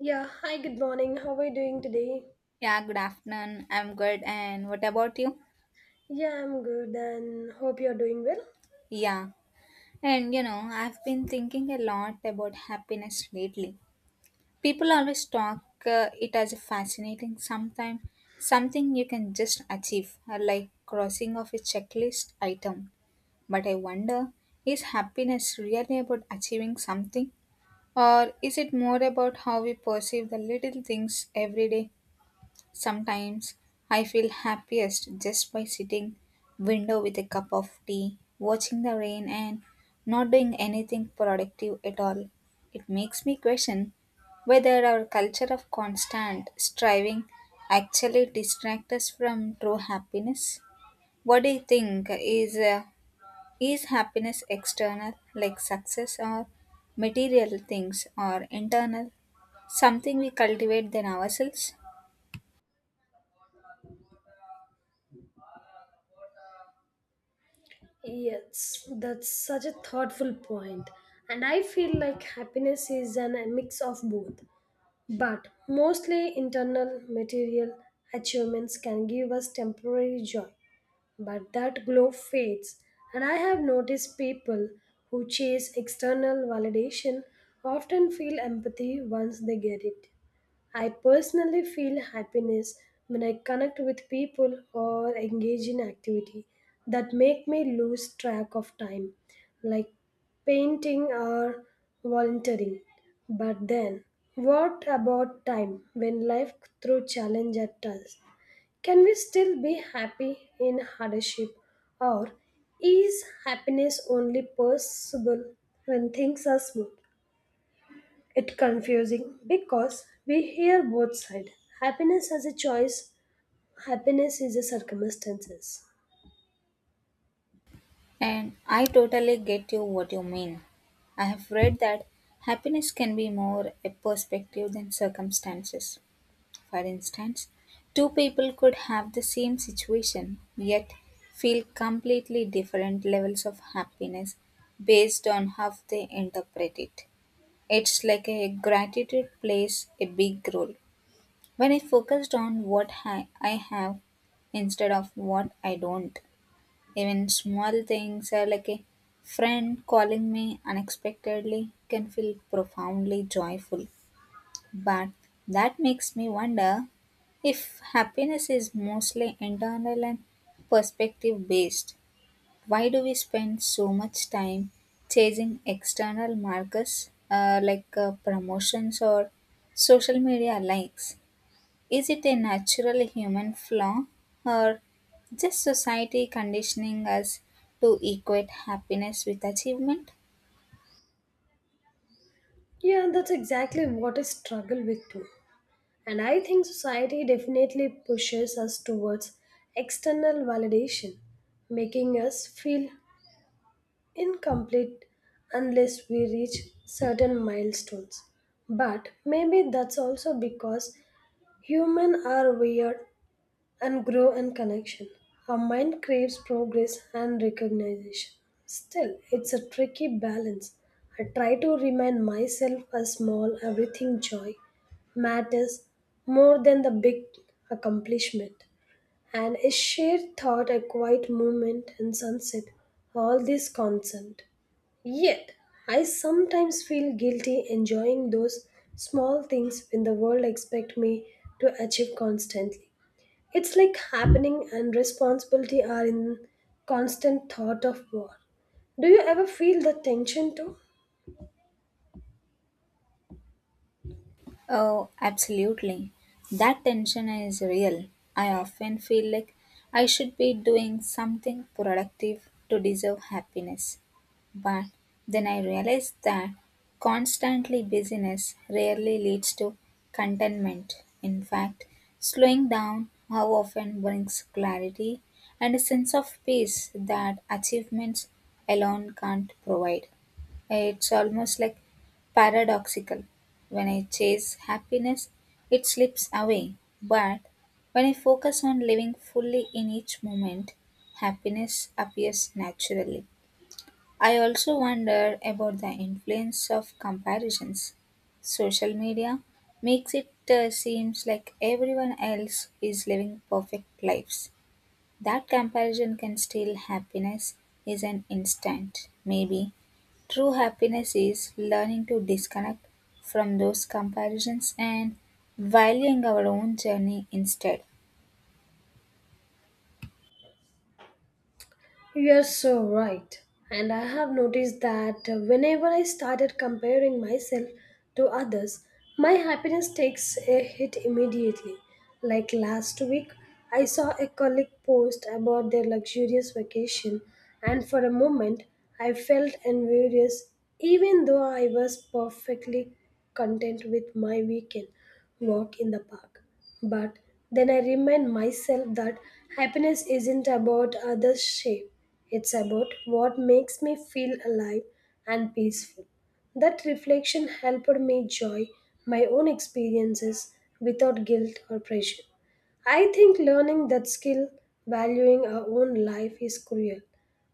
Yeah, hi, good morning. How are you doing today? Yeah, good afternoon. I'm good. And what about you? Yeah, I'm good and hope you're doing well. Yeah. I've been thinking a lot about happiness lately. People always talk it as a fascinating sometime, something you can just achieve, like crossing off a checklist item. But I wonder, is happiness really about achieving something? Or is it more about how we perceive the little things every day? Sometimes I feel happiest just by sitting window with a cup of tea, watching the rain and not doing anything productive at all. It makes me question whether our culture of constant striving actually distracts us from true happiness. What do you think is happiness external like success or material things or internal something we cultivate than ourselves? Yes, that's such a thoughtful point. And I feel like happiness is an, a mix of both. But mostly internal material achievements can give us temporary joy. But that glow fades. And I have noticed people who chase external validation often feel empathy once they get it. I personally feel happiness when I connect with people or engage in activity that make me lose track of time, like painting or volunteering. But then, what about time when life throws challenge at us? Can we still be happy in hardship, or is happiness only possible when things are smooth? It's confusing because we hear both sides. Happiness as a choice, happiness is a circumstances. And I totally get you what you mean. I have read that happiness can be more a perspective than circumstances. For instance, two people could have the same situation yet feel completely different levels of happiness based on how they interpret it. It's like a gratitude plays a big role. When I focused on what I have instead of what I don't, even small things like a friend calling me unexpectedly can feel profoundly joyful. But that makes me wonder if happiness is mostly internal and perspective based. Why do we spend so much time chasing external markers like promotions or social media likes? Is it a natural human flaw or just society conditioning us to equate happiness with achievement? Yeah, that's exactly what I struggle with too. And I think society definitely pushes us towards external validation, making us feel incomplete unless we reach certain milestones. But maybe that's also because humans are weird and grow in connection. Our mind craves progress and recognition. Still, it's a tricky balance. I try to remind myself a small everything joy matters more than the big accomplishment. And a shared thought, a quiet moment and sunset, all this constant. Yet, I sometimes feel guilty enjoying those small things when the world expects me to achieve constantly. It's like happening and responsibility are in constant thought of war. Do you ever feel the tension too? Oh, absolutely. That tension is real. I often feel like I should be doing something productive to deserve happiness. But then I realize that constantly busyness rarely leads to contentment. In fact, slowing down how often brings clarity and a sense of peace that achievements alone can't provide. It's almost like paradoxical. When I chase happiness, it slips away. But when I focus on living fully in each moment, happiness appears naturally. I also wonder about the influence of comparisons. Social media makes it seems like everyone else is living perfect lives. That comparison can steal happiness is an instant, maybe true happiness is learning to disconnect from those comparisons and valuing our own journey instead. You're so right. And I have noticed that whenever I started comparing myself to others, my happiness takes a hit immediately. Like last week, I saw a colleague post about their luxurious vacation, and for a moment, I felt envious even though I was perfectly content with my weekend walk in the park. But then I remind myself that happiness isn't about others' shape, it's about what makes me feel alive and peaceful. That reflection helped me enjoy my own experiences without guilt or pressure. I think learning that skill, valuing our own life, is cruel.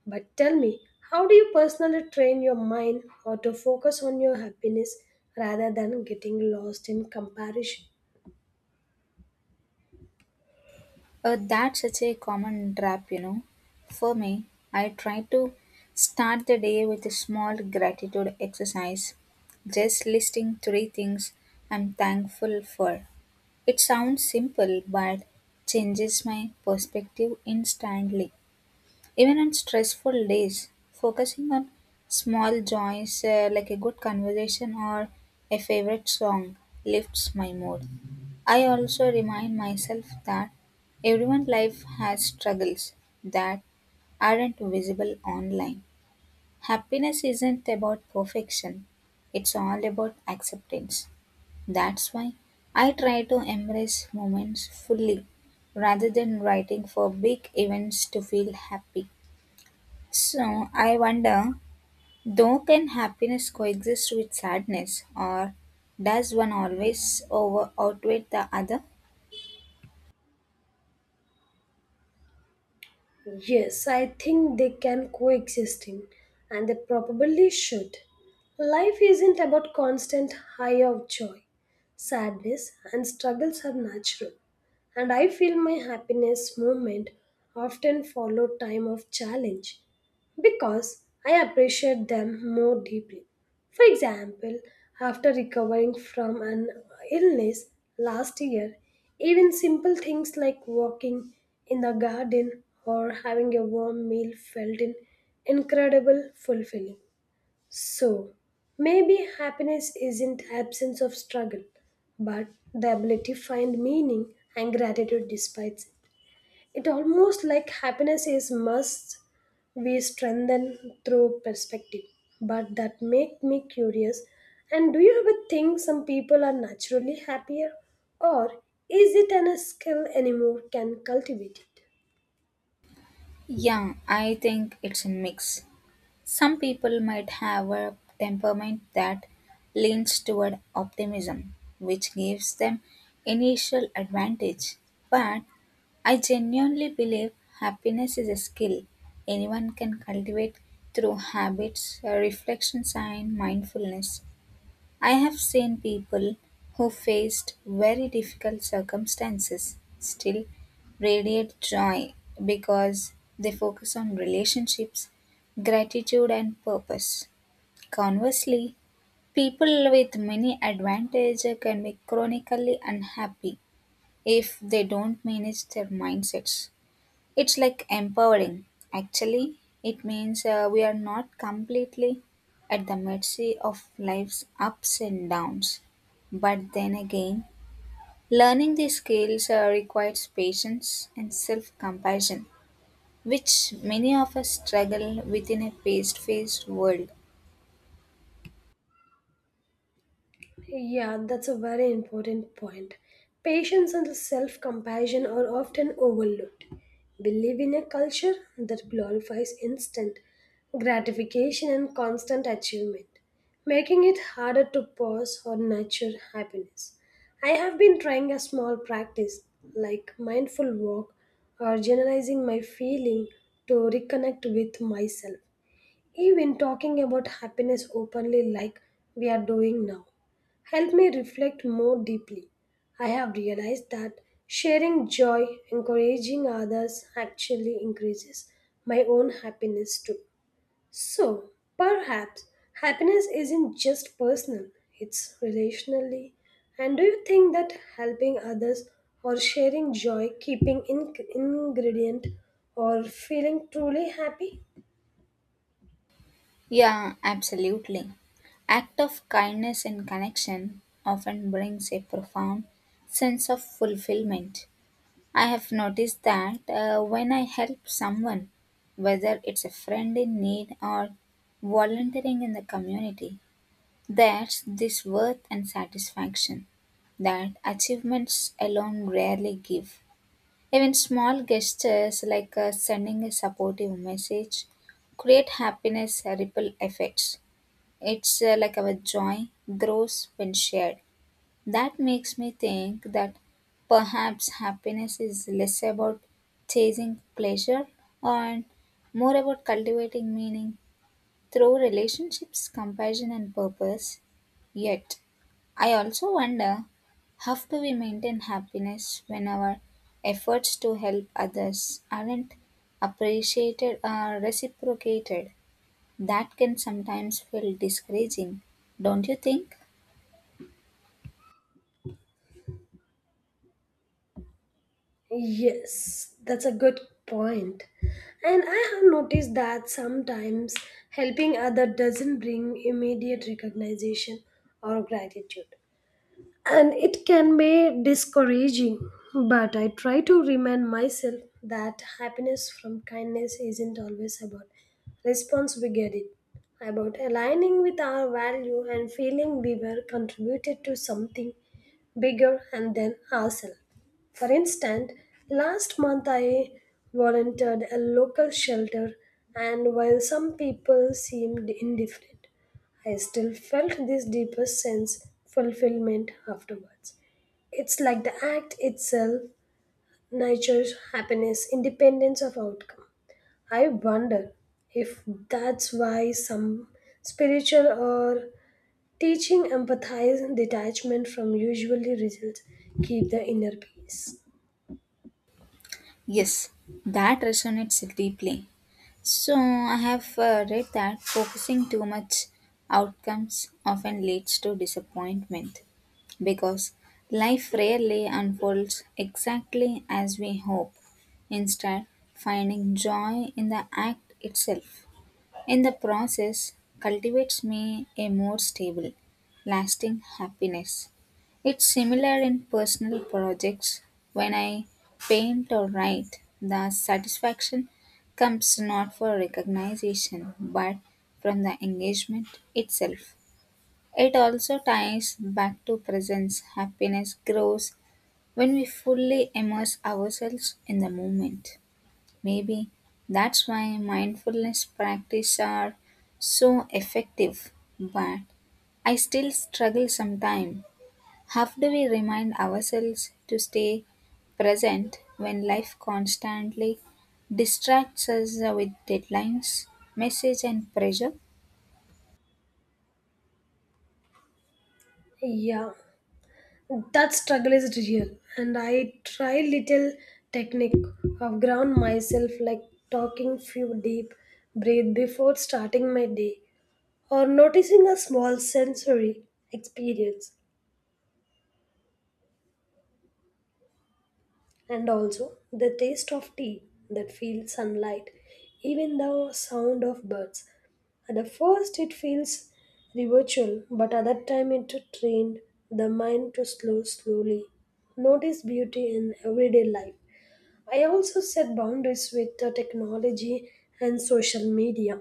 But tell me, how do you personally train your mind how to focus on your happiness rather than getting lost in comparison? That's such a common trap, you know. For me, I try to start the day with a small gratitude exercise, just listing three things I'm thankful for. It sounds simple but changes my perspective instantly. Even on stressful days, focusing on small joys like a good conversation or a favorite song lifts my mood. I also remind myself that everyone's life has struggles that aren't visible online. Happiness isn't about perfection, it's all about acceptance. That's why I try to embrace moments fully rather than writing for big events to feel happy. So I wonder, though, can happiness coexist with sadness, or does one always over outweigh the other? Yes, I think they can coexisting and they probably should. Life isn't about constant high of joy. Sadness and struggles are natural. And I feel my happiness moment often follow time of challenge because I appreciate them more deeply. For example, after recovering from an illness last year, even simple things like walking in the garden or having a warm meal felt in incredible fulfilling. So, maybe happiness isn't absence of struggle, but the ability to find meaning and gratitude despite it. It almost like happiness is must we strengthen through perspective. But that make me curious. And do you ever think some people are naturally happier? Or is it an a skill anymore can cultivate it? Yeah, I think it's a mix. Some people might have a temperament that leans toward optimism, which gives them initial advantage. But I genuinely believe happiness is a skill anyone can cultivate through habits, reflections, and mindfulness. I have seen people who faced very difficult circumstances still radiate joy because they focus on relationships, gratitude, and purpose. Conversely, people with many advantages can be chronically unhappy if they don't manage their mindsets. It's like empowering. Actually, it means we are not completely at the mercy of life's ups and downs. But then again, learning these skills requires patience and self compassion, which many of us struggle within a fast paced world. Yeah, that's a very important point. Patience and self compassion are often overlooked. We live in a culture that glorifies instant gratification and constant achievement, making it harder to pause or nurture happiness. I have been trying a small practice like mindful walk or generalizing my feeling to reconnect with myself. Even talking about happiness openly, like we are doing now, helped me reflect more deeply. I have realized that sharing joy, encouraging others, actually increases my own happiness too. So, perhaps happiness isn't just personal, it's relationally. And do you think that helping others or sharing joy, ingredient, or feeling truly happy? Yeah, absolutely. Act of kindness and connection often brings a profound sense of fulfillment. I have noticed that when I help someone, whether it's a friend in need or volunteering in the community, there's this worth and satisfaction that achievements alone rarely give. Even small gestures like sending a supportive message create happiness ripple effects. It's like our joy grows when shared. That makes me think that perhaps happiness is less about chasing pleasure and more about cultivating meaning through relationships, compassion, and purpose. Yet, I also wonder how do we maintain happiness when our efforts to help others aren't appreciated or reciprocated? That can sometimes feel discouraging, don't you think? Yes, that's a good point. And I have noticed that sometimes helping other doesn't bring immediate recognition or gratitude and it can be discouraging. But I try to remind myself that happiness from kindness isn't always about response we get it, about aligning with our value and feeling we were contributed to something bigger and than ourselves. For instance, last month I volunteered a local shelter, and while some people seemed indifferent, I still felt this deeper sense fulfillment afterwards. It's like the act itself nurtures happiness independence of outcome. I wonder if that's why some spiritual or teaching empathize detachment from usually results keep the inner peace. Yes, that resonates deeply. So, I have read that focusing too much outcomes often leads to disappointment because life rarely unfolds exactly as we hope, instead finding joy in the act itself. In the process, cultivates me a more stable, lasting happiness. It's similar in personal projects. When I paint or write, the satisfaction comes not for recognition but from the engagement itself. It also ties back to presence. Happiness grows when we fully immerse ourselves in the moment. Maybe that's why mindfulness practice are so effective, but I still struggle sometimes. How do we remind ourselves to stay present when life constantly distracts us with deadlines, message and pressure? Yeah, that struggle is real, and I try little technique of ground myself, like talking few deep breath before starting my day, or noticing a small sensory experience, and also the taste of tea that feels sunlight, even the sound of birds. At the first, it feels ritual, but other time it trained the mind to slow slowly, notice beauty in everyday life. I also set boundaries with the technology and social media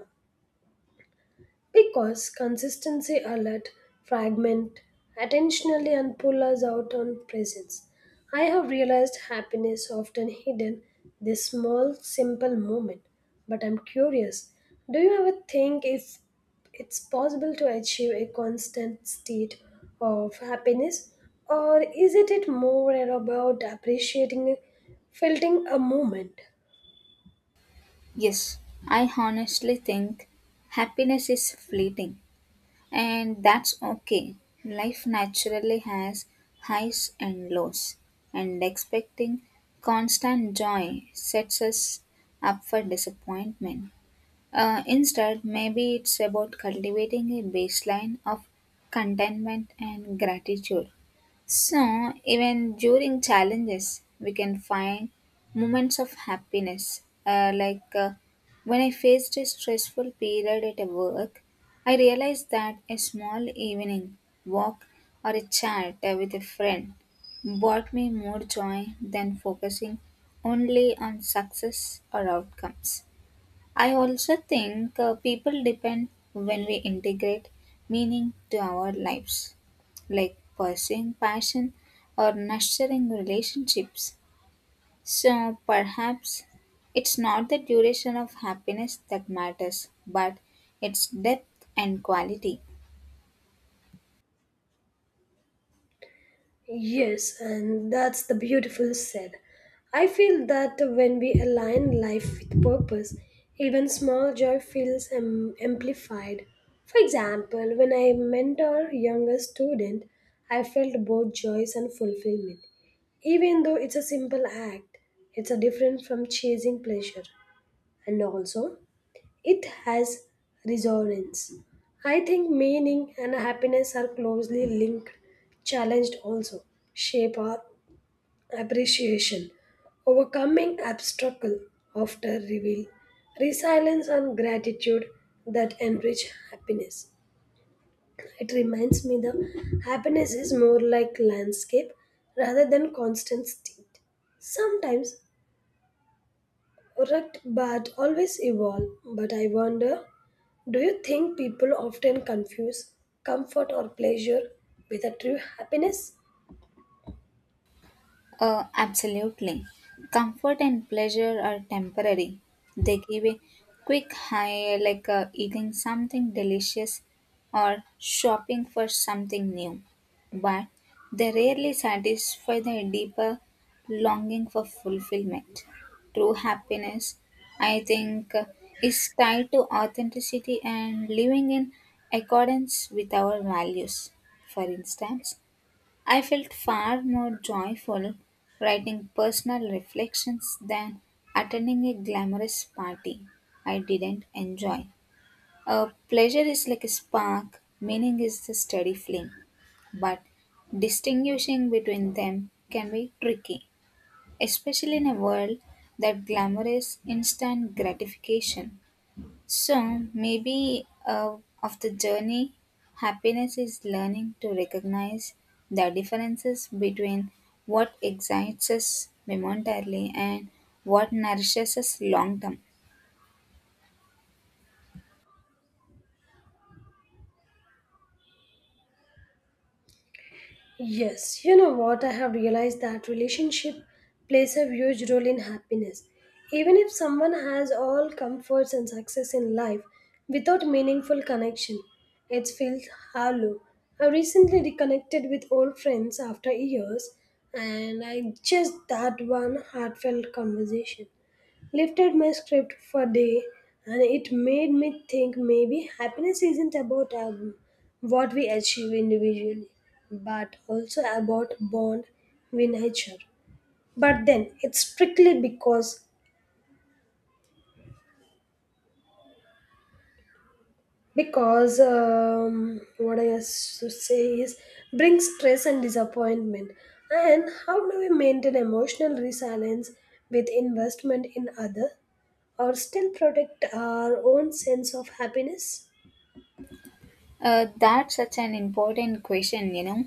because consistency alert fragment attentionally and pull us out on presence. I have realized happiness often hidden this small simple moment. But I'm curious, do you ever think if it's possible to achieve a constant state of happiness or is it more about appreciating filtering a moment? Yes, I honestly think happiness is fleeting and that's okay. Life naturally has highs and lows, and expecting constant joy sets us up for disappointment. Instead, maybe it's about cultivating a baseline of contentment and gratitude. So, even during challenges, we can find moments of happiness. Like when I faced a stressful period at a work, I realized that a small evening walk or a chat with a friend brought me more joy than focusing only on success or outcomes. I also think people depend when we integrate meaning to our lives, like pursuing passion or nurturing relationships. So perhaps it's not the duration of happiness that matters, but its depth and quality. Yes, and that's the beautiful said. I feel that when we align life with purpose, even small joy feels amplified. For example, when I mentor younger student, I felt both joys and fulfillment. Even though it's a simple act, it's a different from chasing pleasure. And also, it has resonance. I think meaning and happiness are closely linked, challenged also, shape our appreciation, overcoming obstacle after reveal, resilience and gratitude that enrich happiness. It reminds me the happiness is more like landscape rather than constant state. Sometimes correct, but always evolve. But I wonder, do you think people often confuse comfort or pleasure with a true happiness? Absolutely. Comfort and pleasure are temporary. They give a quick high, like eating something delicious or shopping for something new. But they rarely satisfy the deeper longing for fulfillment. True happiness, I think, is tied to authenticity and living in accordance with our values. For instance, I felt far more joyful writing personal reflections than attending a glamorous party I didn't enjoy. A pleasure is like a spark, meaning is the steady flame, but distinguishing between them can be tricky, especially in a world that glamorous instant gratification. So, maybe of the journey, happiness is learning to recognize the differences between what excites us momentarily and what nourishes us long term. Yes, you know what? I have realized that relationship plays a huge role in happiness. Even if someone has all comforts and success in life without meaningful connection, it feels hollow. I recently reconnected with old friends after years and I just that one heartfelt conversation lifted my script for day and it made me think maybe happiness isn't about what we achieve individually but also about bond with nature but then it's strictly because what I has to say is brings stress and disappointment and how do we maintain emotional resilience with investment in other or still protect our own sense of happiness. That's such an important question, you know.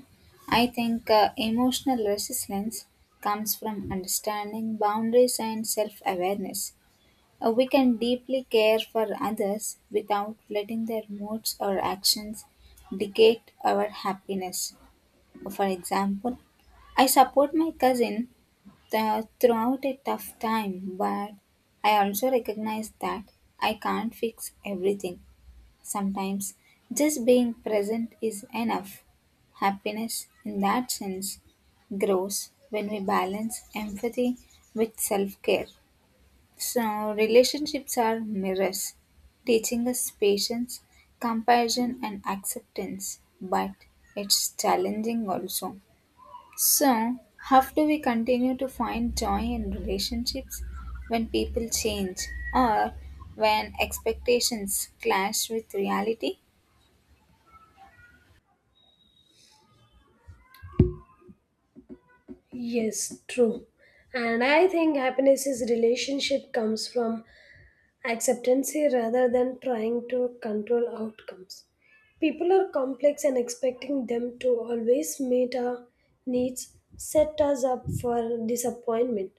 I think emotional resilience comes from understanding boundaries and self awareness. We can deeply care for others without letting their moods or actions dictate our happiness. For example, I support my cousin throughout a tough time, but I also recognize that I can't fix everything. Sometimes just being present is enough. Happiness, in that sense, grows when we balance empathy with self care. So, relationships are mirrors, teaching us patience, compassion, and acceptance, but it's challenging also. So, how do we continue to find joy in relationships when people change or when expectations clash with reality? Yes, true. And I think happiness is relationship comes from acceptancy rather than trying to control outcomes. People are complex and expecting them to always meet our needs set us up for disappointment.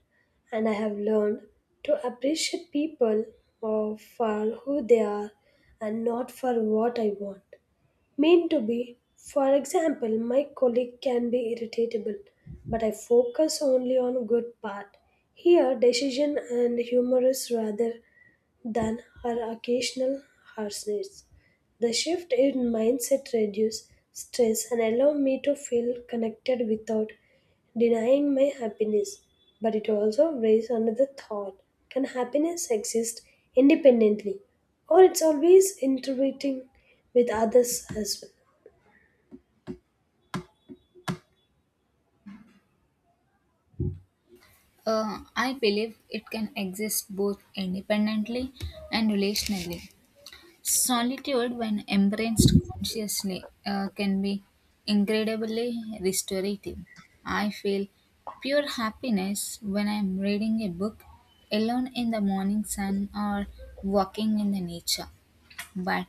And I have learned to appreciate people for who they are and not for what I want meant to be. For example, my colleague can be irritable, but I focus only on good part. Here, decision and humor is rather than her occasional harshness. The shift in mindset reduces stress and allows me to feel connected without denying my happiness. But it also raised another thought. Can happiness exist independently? Or it's always interacting with others as well? I believe it can exist both independently and relationally. Solitude, when embraced consciously, can be incredibly restorative. I feel pure happiness when I am reading a book alone in the morning sun or walking in the nature. But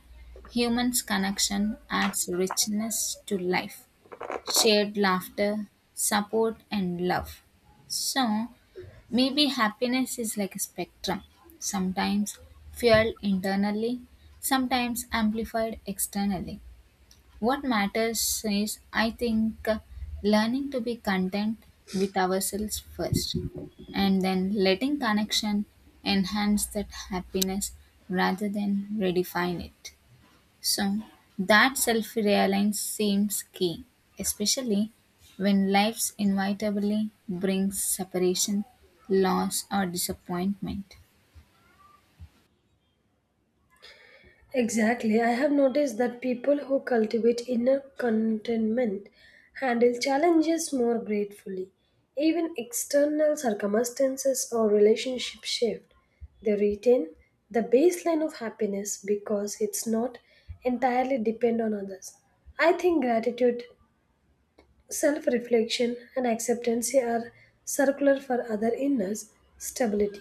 humans' connection adds richness to life shared laughter, support, and love. So, maybe happiness is like a spectrum, sometimes fueled internally, sometimes amplified externally. What matters is, I think, learning to be content with ourselves first, and then letting connection enhance that happiness rather than redefine it. So, that self reliance seems key, especially when life's inevitably brings separation, loss, or disappointment. Exactly. I have noticed that people who cultivate inner contentment handle challenges more gratefully. Even external circumstances or relationship shift. They retain the baseline of happiness because it's not entirely depend on others. I think gratitude, self reflection and acceptance are circular for other inner stability.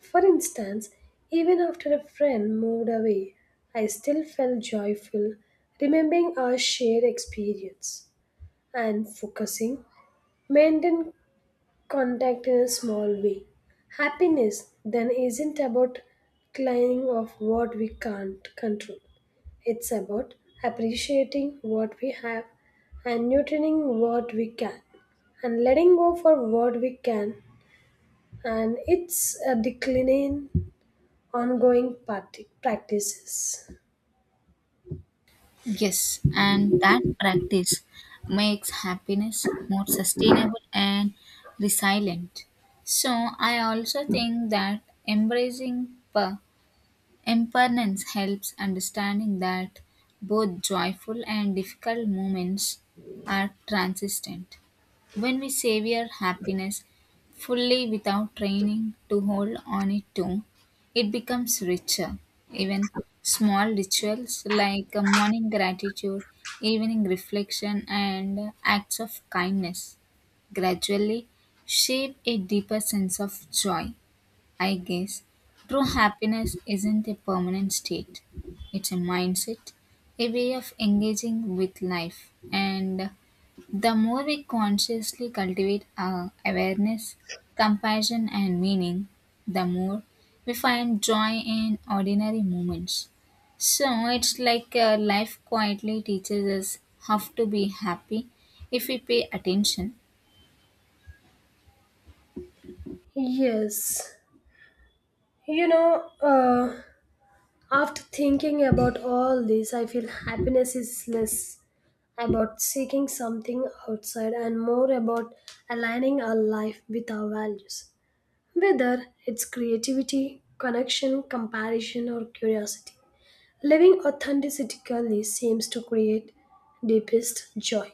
For instance, even after a friend moved away, I still felt joyful remembering our shared experience and focusing maintained contact in a small way. Happiness then isn't about clinging of what we can't control. It's about appreciating what we have and nurturing what we can and letting go for what we can and it's a declining, ongoing party practices. Yes, and that practice makes happiness more sustainable and resilient. So, I also think that embracing impermanence helps understanding that both joyful and difficult moments are transient. When we savor happiness fully without training to hold on it too, it becomes richer. Even small rituals like a morning gratitude, evening reflection, and acts of kindness gradually shape a deeper sense of joy. I guess true happiness isn't a permanent state. It's a mindset, a way of engaging with life. And the more we consciously cultivate our awareness, compassion, and meaning, the more we find joy in ordinary moments. So it's like life quietly teaches us how to be happy if we pay attention. Yes. You know, after thinking about all this, I feel happiness is less about seeking something outside and more about aligning our life with our values, whether it's creativity, connection, comparison, or curiosity. Living authentically seems to create deepest joy.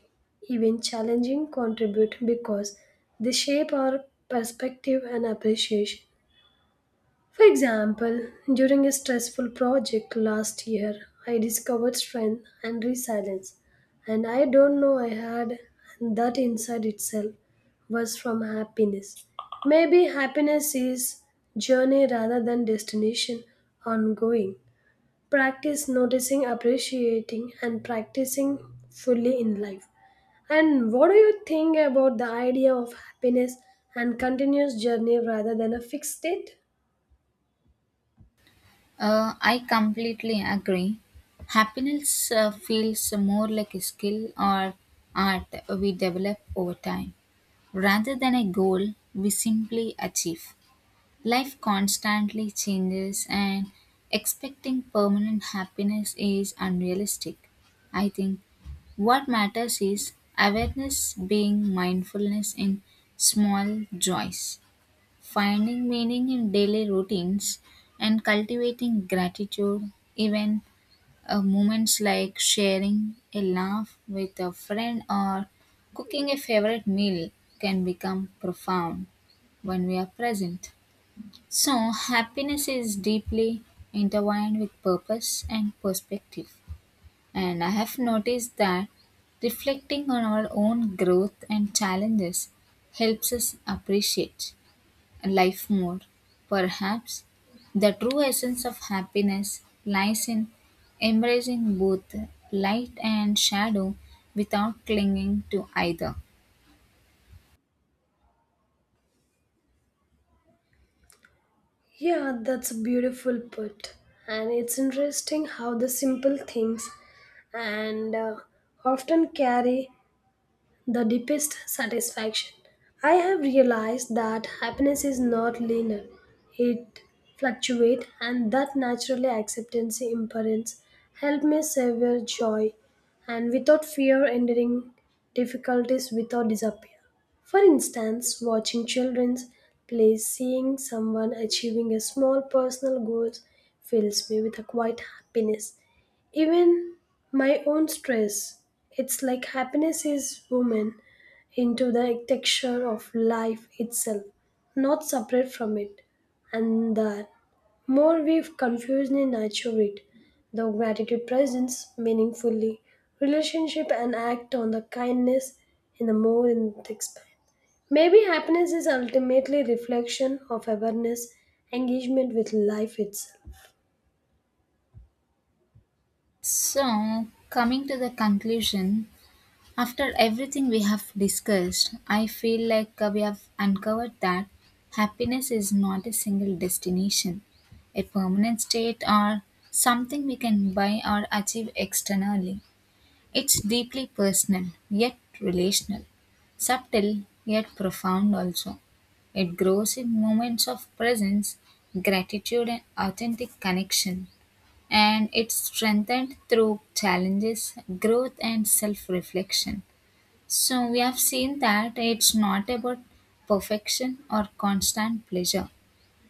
Even challenging contribute because they shape our perspective and appreciation. For example, during a stressful project last year, I discovered strength and resilience, and I don't know I had and that inside itself was from happiness. Maybe happiness is journey rather than destination ongoing. Practice noticing, appreciating and practicing fully in life. And what do you think about the idea of happiness and continuous journey rather than a fixed state? I completely agree. Happiness feels more like a skill or art we develop over time rather than a goal we simply achieve. Life constantly changes, and expecting permanent happiness is unrealistic. I think what matters is awareness, being mindfulness in small joys. Finding meaning in daily routines and cultivating gratitude, even moments like sharing a laugh with a friend or cooking a favorite meal, can become profound when we are present. So, happiness is deeply intertwined with purpose and perspective. And I have noticed that reflecting on our own growth and challenges helps us appreciate and life more. Perhaps the true essence of happiness lies in embracing both light and shadow without clinging to either. Yeah, that's a beautiful put. And it's interesting how the simple things and often carry the deepest satisfaction. I have realized that happiness is not linear, it fluctuates, and that naturally acceptance imperance help me savor joy and without fear enduring difficulties without disappear. For instance, watching children play, seeing someone achieving a small personal goal fills me with a quiet happiness even my own stress. It's like happiness is woven into the texture of life itself, not separate from it. And the more we've confused and nurture it, the gratitude presents meaningfully relationship and act on the kindness in the more in the expand. Maybe happiness is ultimately reflection of awareness, engagement with life itself. So, coming to the conclusion, after everything we have discussed, I feel like we have uncovered that happiness is not a single destination, a permanent state, or something we can buy or achieve externally. It's deeply personal, yet relational, subtle, yet profound also. It grows in moments of presence, gratitude, and authentic connection, and it's strengthened through challenges, growth, and self reflection. So, we have seen that it's not about perfection or constant pleasure,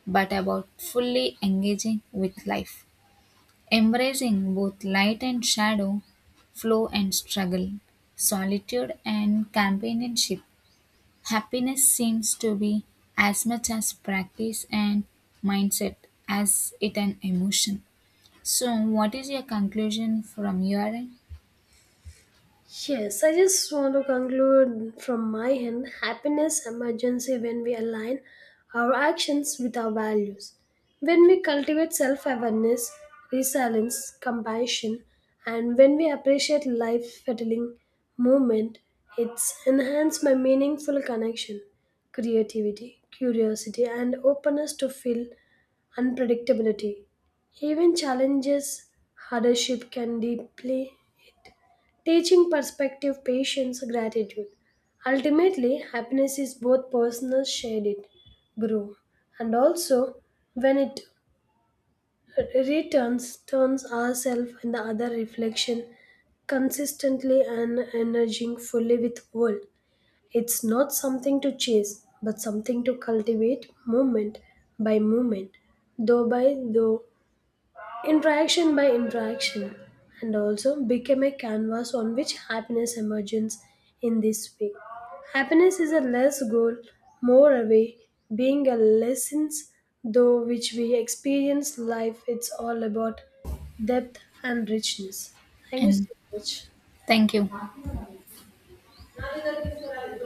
but about fully engaging with life embracing both light and shadow, flow and struggle, solitude and companionship. Happiness seems to be as much as practice and mindset as it an emotion. So, what is your conclusion from your end? Yes, I just want to conclude from my end happiness emergency when we align our actions with our values. When we cultivate self awareness, resilience, compassion, and when we appreciate life fettling moment, it's enhanced by meaningful connection, creativity, curiosity, and openness to feel unpredictability. Even challenges, hardship can deeply hit. Teaching perspective, patience, gratitude. Ultimately, happiness is both personal, shared it, grow, and also when it returns, turns ourselves and the other reflection consistently and energizing fully with world. It's not something to chase, but something to cultivate moment by moment, though by though, interaction by interaction, and also become a canvas on which happiness emerges in this way. Happiness is a less goal, more a way, being a lessons though which we experience life, it's all about depth and richness. Thank you And so much. thank you.